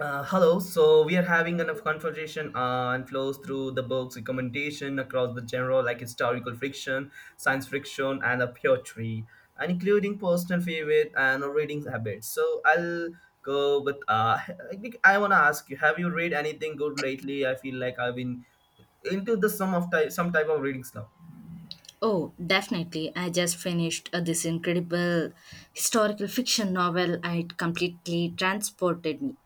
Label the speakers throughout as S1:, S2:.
S1: Hello. So we are having a conversation on flows through the book's recommendation across the genre, like historical fiction, science fiction, and a poetry, and including personal favorite and reading habits. So I'll go with. I think I want to ask you: have you read anything good lately? I feel like I've been into the some type of readings now.
S2: Oh, definitely. I just finished this incredible historical fiction novel. It completely transported me.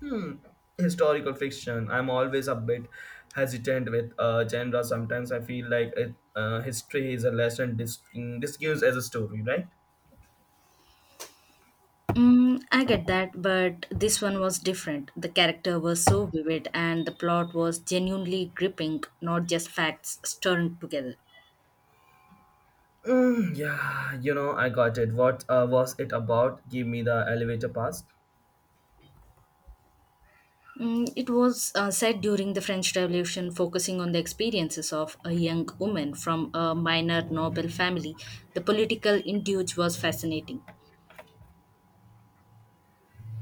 S1: Hmm. Historical fiction. I'm always a bit hesitant with genre. Sometimes I feel like it, history is a lesson discussed as a story, right?
S2: Mm, I get that, but this one was different. The character was so vivid, and the plot was genuinely gripping, not just facts stirred together.
S1: Mm, yeah, you know, I got it. What was it about? Give me the elevator past.
S2: Mm, it was set during the French Revolution, focusing on the experiences of a young woman from a minor noble family. The political intrigue was fascinating.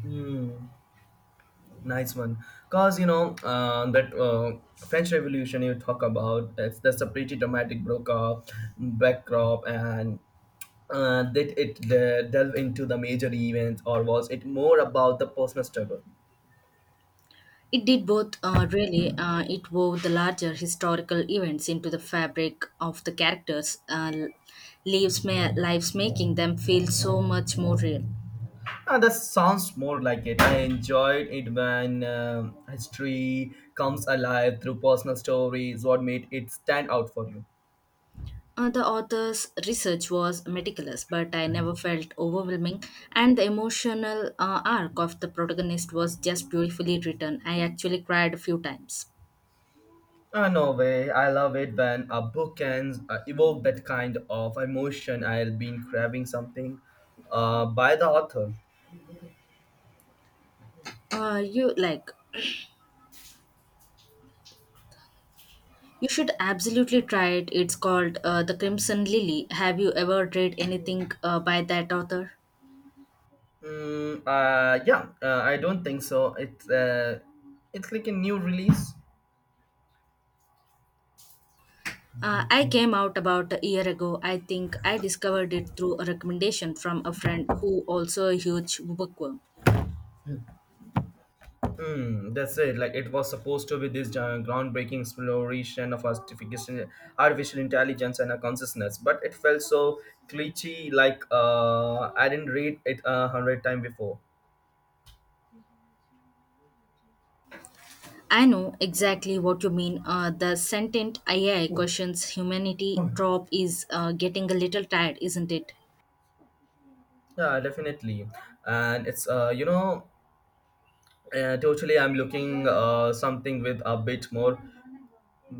S1: Mm, nice one. Cause you know that French Revolution you talk about. It's that's a pretty dramatic breakup, backdrop, and did it delve into the major events, or was it more about the personal struggle?
S2: It did both, really. It wove the larger historical events into the fabric of the characters' lives, making them feel so much more real.
S1: Ah, that sounds more like it. I enjoyed it when history comes alive through personal stories. What made it stand out for you?
S2: The author's research was meticulous, but I never felt overwhelming, and the emotional arc of the protagonist was just beautifully written. I actually cried a few times.
S1: Ah, no way. I love it when a book can evoke that kind of emotion. I've been craving something by the author.
S2: Uh, you like you should absolutely try it. It's called The Crimson Lily. Have you ever read anything by that author?
S1: Yeah, I don't think so. It's like a new release.
S2: I came out about a year ago. I think I discovered it through a recommendation from a friend who also a huge bookworm.
S1: Mm, that's it. Like it was supposed to be this groundbreaking exploration of artificial intelligence and a consciousness, but it felt so cliche. Like I didn't read it a hundred times before.
S2: I know exactly what you mean. The sentient AI questions humanity drop is getting a little tired, isn't it?
S1: Yeah, definitely. And it's totally. I'm looking something with a bit more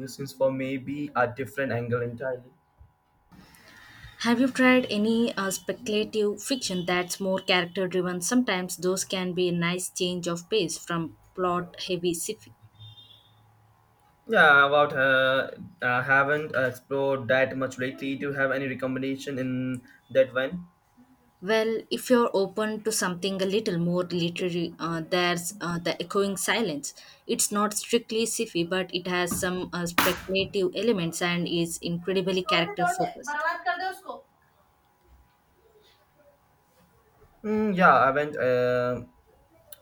S1: since for maybe a different angle entirely.
S2: Have you tried any speculative fiction that's more character driven? Sometimes those can be a nice change of pace from plot heavy sci fi.
S1: Yeah, about I haven't explored that much lately. Do you have any recommendation in that one?
S2: Well, if you're open to something a little more literary, there's The Echoing Silence. It's not strictly sci-fi, but it has some speculative elements and is incredibly character focused.
S1: Mm, yeah, I went. Uh,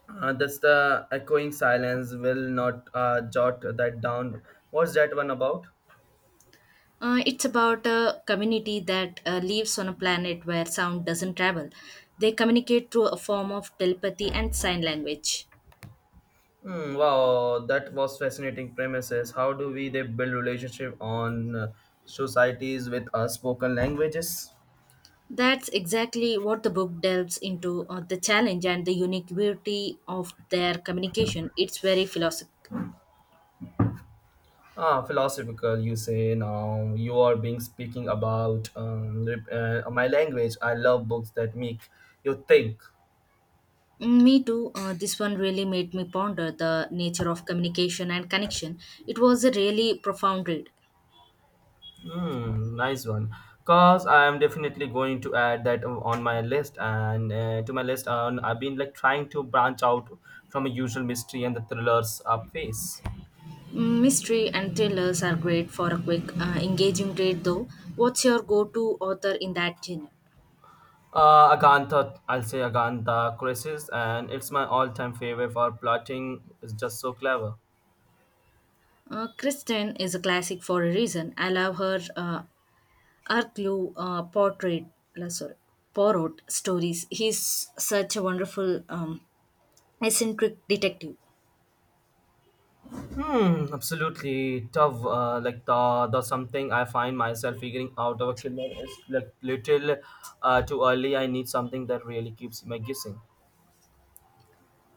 S1: uh, That's the echoing silence will not jot that down. What's that one about?
S2: It's about a community that lives on a planet where sound doesn't travel. They communicate through a form of telepathy and sign language.
S1: Mm, wow, that was fascinating premises. How do we they build relationship on societies with spoken languages?
S2: That's exactly what the book delves into the challenge and the unique beauty of their communication. It's very philosophical.
S1: Ah, philosophical. You say now you are being speaking about my language. I love books that make you think.
S2: Mm, me too. This one really made me ponder the nature of communication and connection. It was a really profound read.
S1: Hmm, nice one. Cause I'm definitely going to add that on my list and to my list. And I've been like trying to branch out from a usual mystery and the thrillers phase.
S2: Mm, mystery and thrillers are great for a quick, engaging read, though. What's your go to author in that genre?
S1: Agantha, I'll say Agantha Crisis, and it's my all-time favorite for plotting. It's just so clever.
S2: Kristen is a classic for a reason. I love her Arclue uh, portrait, uh, sorry, Poirot stories. He's such a wonderful, eccentric detective.
S1: Hmm, absolutely tough. Like the something I find myself figuring out of a killer is like little too early. I need something that really keeps me guessing.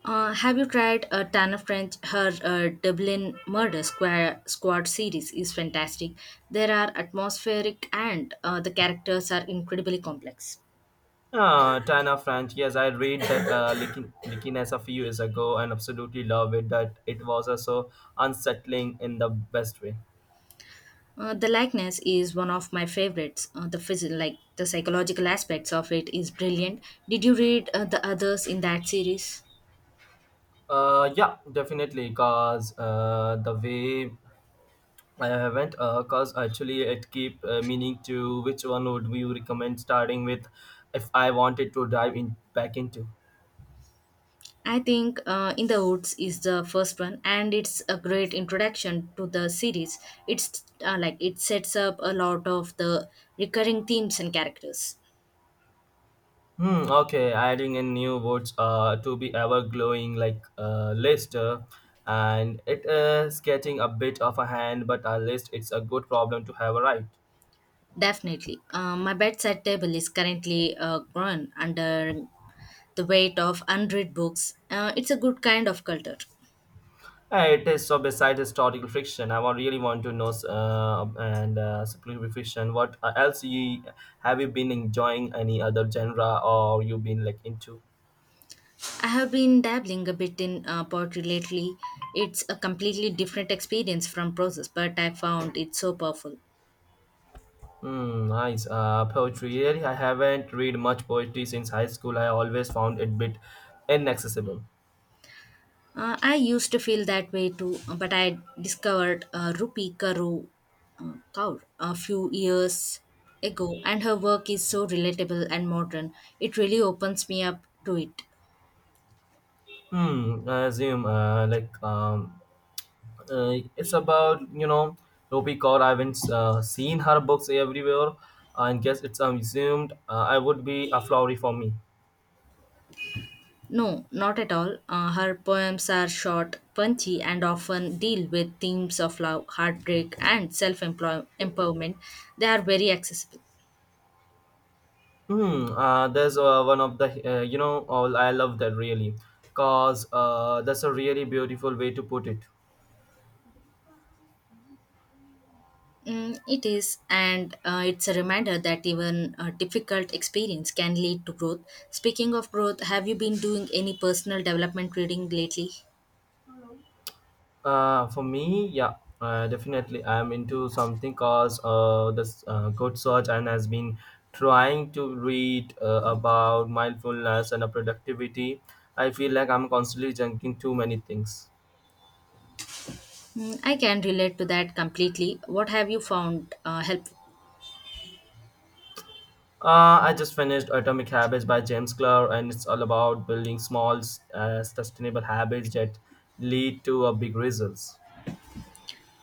S2: Have you tried Tana French? Her Dublin Murder Square Squad series is fantastic. There are atmospheric and the characters are incredibly complex.
S1: Ah, Tana French. Yes, I read that Likinas a few years ago and absolutely love it. That it was so unsettling in the best way.
S2: The likeness is one of my favorites. The phys- like The psychological aspects of it is brilliant. Did you read the others in that series?
S1: Yeah, definitely. Cause the way I haven't. Cause actually, it keep meaning to, which one would you recommend starting with, if I wanted to dive in back into.
S2: I think In the Woods is the first one, and it's a great introduction to the series. It sets up a lot of the recurring themes and characters.
S1: Hmm, okay, adding in new words to be ever glowing like list, and it is getting a bit of a hand, but at least it's a good problem to have, right?
S2: Definitely. My bedside table is currently grown under the weight of unread books. It's a good kind of culture.
S1: It is so. Besides historical fiction, really want to know and spiritual fiction. What else you have you been enjoying? Any other genre or you been like into?
S2: I have been dabbling a bit in poetry lately. It's a completely different experience from process, but I found it so powerful.
S1: Hmm, nice. Poetry. Really, I haven't read much poetry since high school. I always found it bit inaccessible.
S2: I used to feel that way too, but I discovered Rupi Karu Kaur a few years ago, and her work is so relatable and modern. It really opens me up to it.
S1: Hmm, I assume it's about you know Ruby Kaur. I haven't seen her books everywhere, and guess it's assumed I would be a flowery for me.
S2: No, not at all. Her poems are short, punchy, and often deal with themes of love, heartbreak, and self empowerment. They are very accessible.
S1: There's one of the you know all I love that really, cause that's a really beautiful way to put it.
S2: Mm, it is, and it's a reminder that even a difficult experience can lead to growth. Speaking of growth, have you been doing any personal development reading lately?
S1: For me, yeah, definitely. I'm into something cause this good search and has been trying to read about mindfulness and productivity. I feel like I'm constantly junking too many things.
S2: Mm, I can relate to that completely. What have you found helpful?
S1: I just finished Atomic Habits by James Clear, and it's all about building small, sustainable habits that lead to big results.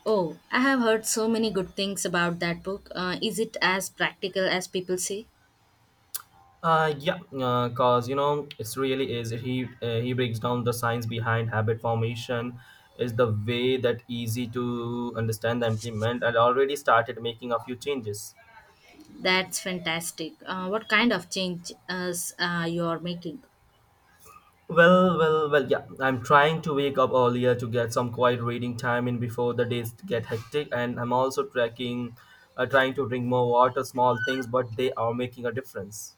S2: Oh, I have heard so many good things about that book. Is it as practical as people say?
S1: Yeah, cause you know it's really is he breaks down the science behind habit formation is the way that easy to understand and implement. I already started making a few changes.
S2: That's fantastic. What kind of changes you are making?
S1: Well, yeah. I'm trying to wake up earlier to get some quiet reading time in before the days get hectic, and I'm also trying to drink more water, small things, but they are making a difference.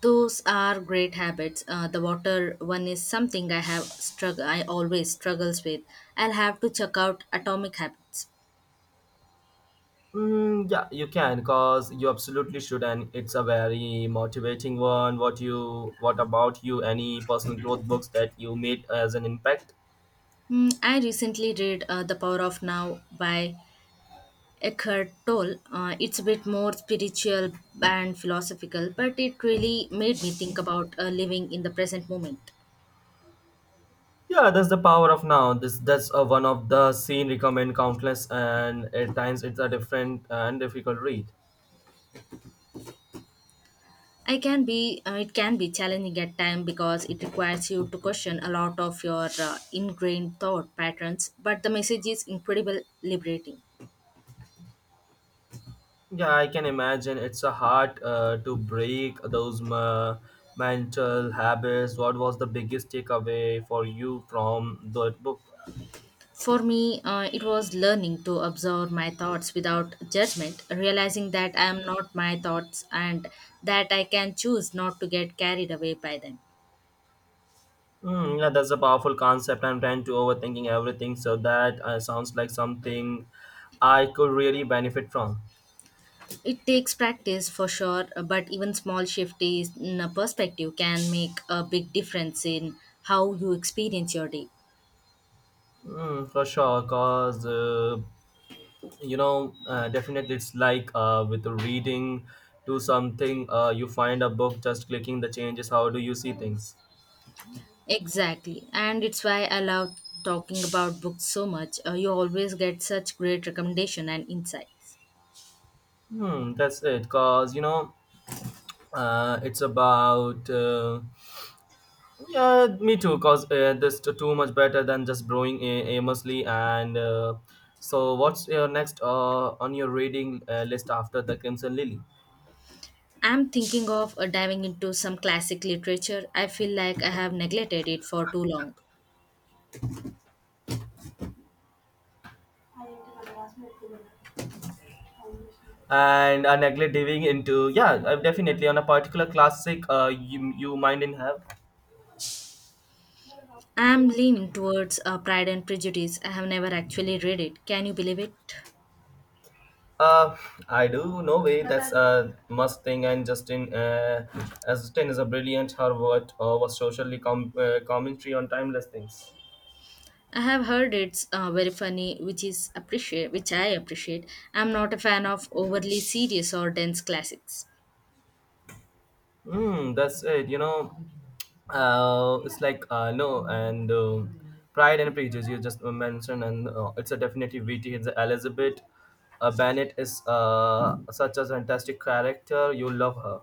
S2: Those are great habits. The water one is something I have strugg- I always struggles with. I'll have to check out Atomic Habits.
S1: Mm, yeah, you can, because you absolutely should, and it's a very motivating one. What about you? Any personal growth books that you made as an impact?
S2: Hmm, I recently read The Power of Now by Eckhart Tolle. It's a bit more spiritual and philosophical, but it really made me think about living in the present moment.
S1: Yeah, that's the power of now. This that's one of the scene recommend countless, and at times it's a different and difficult read.
S2: I can be it can be challenging at times because it requires you to question a lot of your ingrained thought patterns but the message is incredibly liberating.
S1: Yeah, I can imagine it's a hard to break those mental habits. What was the biggest takeaway for you from that book?
S2: For me it was learning to observe my thoughts without judgment realizing that I am not my thoughts and that I can choose not to get carried away by them.
S1: Mm, yeah, that's a powerful concept. I'm trying to overthinking everything, so that sounds like something I could really benefit from.
S2: It takes practice for sure but even small in a perspective can make a big difference in how you experience your day.
S1: Mm, for sure, cause definitely it's like with the reading to something. You find a book, just clicking the changes. How do you see things?
S2: Exactly. And it's why I love talking about books so much. You always get such great recommendation and insights.
S1: Hmm, that's it. Cause you know, it's about. Yeah, me too. Cause this too much better than just brewing aimlessly. And so, what's your next on your reading list after the Crimson Lily?
S2: I'm thinking of diving into some classic literature. I feel like I have neglected it for too long.
S1: And I neglect diving into yeah, I'm definitely on a particular classic. You mind in have?
S2: I'm leaning towards Pride and Prejudice. I have never actually read it. Can you believe it?
S1: Uh, I do. No way. That's a must thing. And Justin, as Justin is a brilliant. Her what was socially commentary on timeless things.
S2: I have heard it's very funny, which I appreciate. I'm not a fan of overly serious or dense classics.
S1: Mm, that's it. You know. It's like no and Pride and Prejudice you just mentioned, and it's a definitely vt it's Elizabeth Bennett is such a fantastic character, you love her.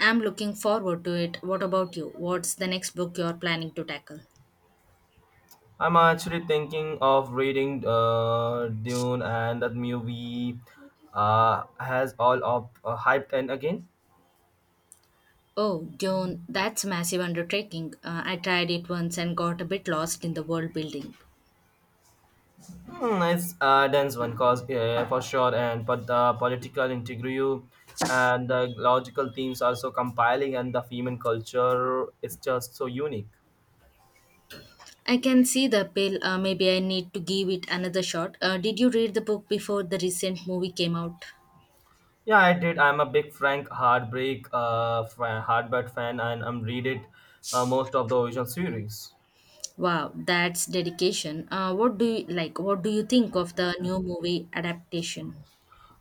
S2: I'm looking forward to it. What about you? What's the next book you're planning to tackle?
S1: I'm actually thinking of reading Dune, and that movie has all of hyped and again.
S2: Oh, Dune, that's a massive undertaking. I tried it once and got a bit lost in the world building.
S1: Hmm, it's a dense one, cause for sure, and but the political integrity and the logical themes are so compiling, and the female culture is just so unique.
S2: I can see the appeal. Maybe I need to give it another shot. Did you read the book before the recent movie came out?
S1: Yeah, I did. I'm a big Heartbreak fan, and I'm read it most of the original series.
S2: Wow, that's dedication. What do you like? What do you think of the new movie adaptation?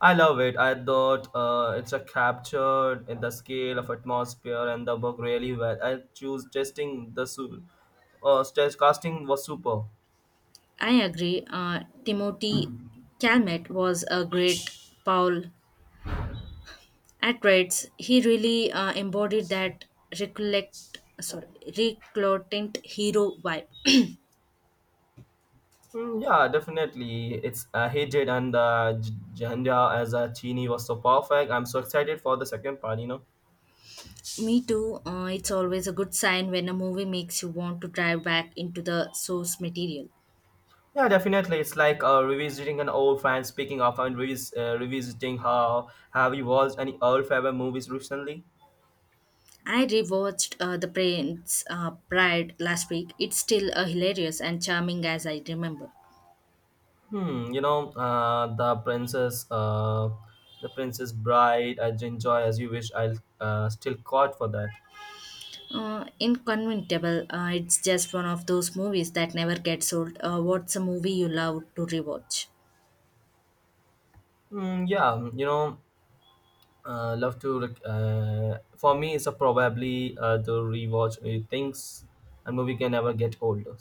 S1: I love it. I thought it's a captured in the scale of atmosphere and the book really well. I choose testing the su- Test casting was super.
S2: I agree. Timothy Calmet was a great Paul At Reds, he really embodied that recollect, reclutant hero vibe.
S1: Mm, yeah, definitely. It's Hijid and Jhandia as a Chini was so perfect. I'm so excited for the second part, you know.
S2: Me too. It's always a good sign when a movie makes you want to dive back into the source material.
S1: Yeah, definitely. It's like revisiting an old fan. Speaking of and revisiting, how have you watched any old favorite movies recently?
S2: I rewatched The Prince Bride last week. It's still hilarious and charming as I remember.
S1: Hmm, you know, the Princess Bride. I enjoy as you wish. I'll still caught for that.
S2: Inconventable. It's just one of those movies that never gets old. What's a movie you love to rewatch?
S1: Mm, yeah, you know. For me it's a probably the rewatch things. A movie can never get older.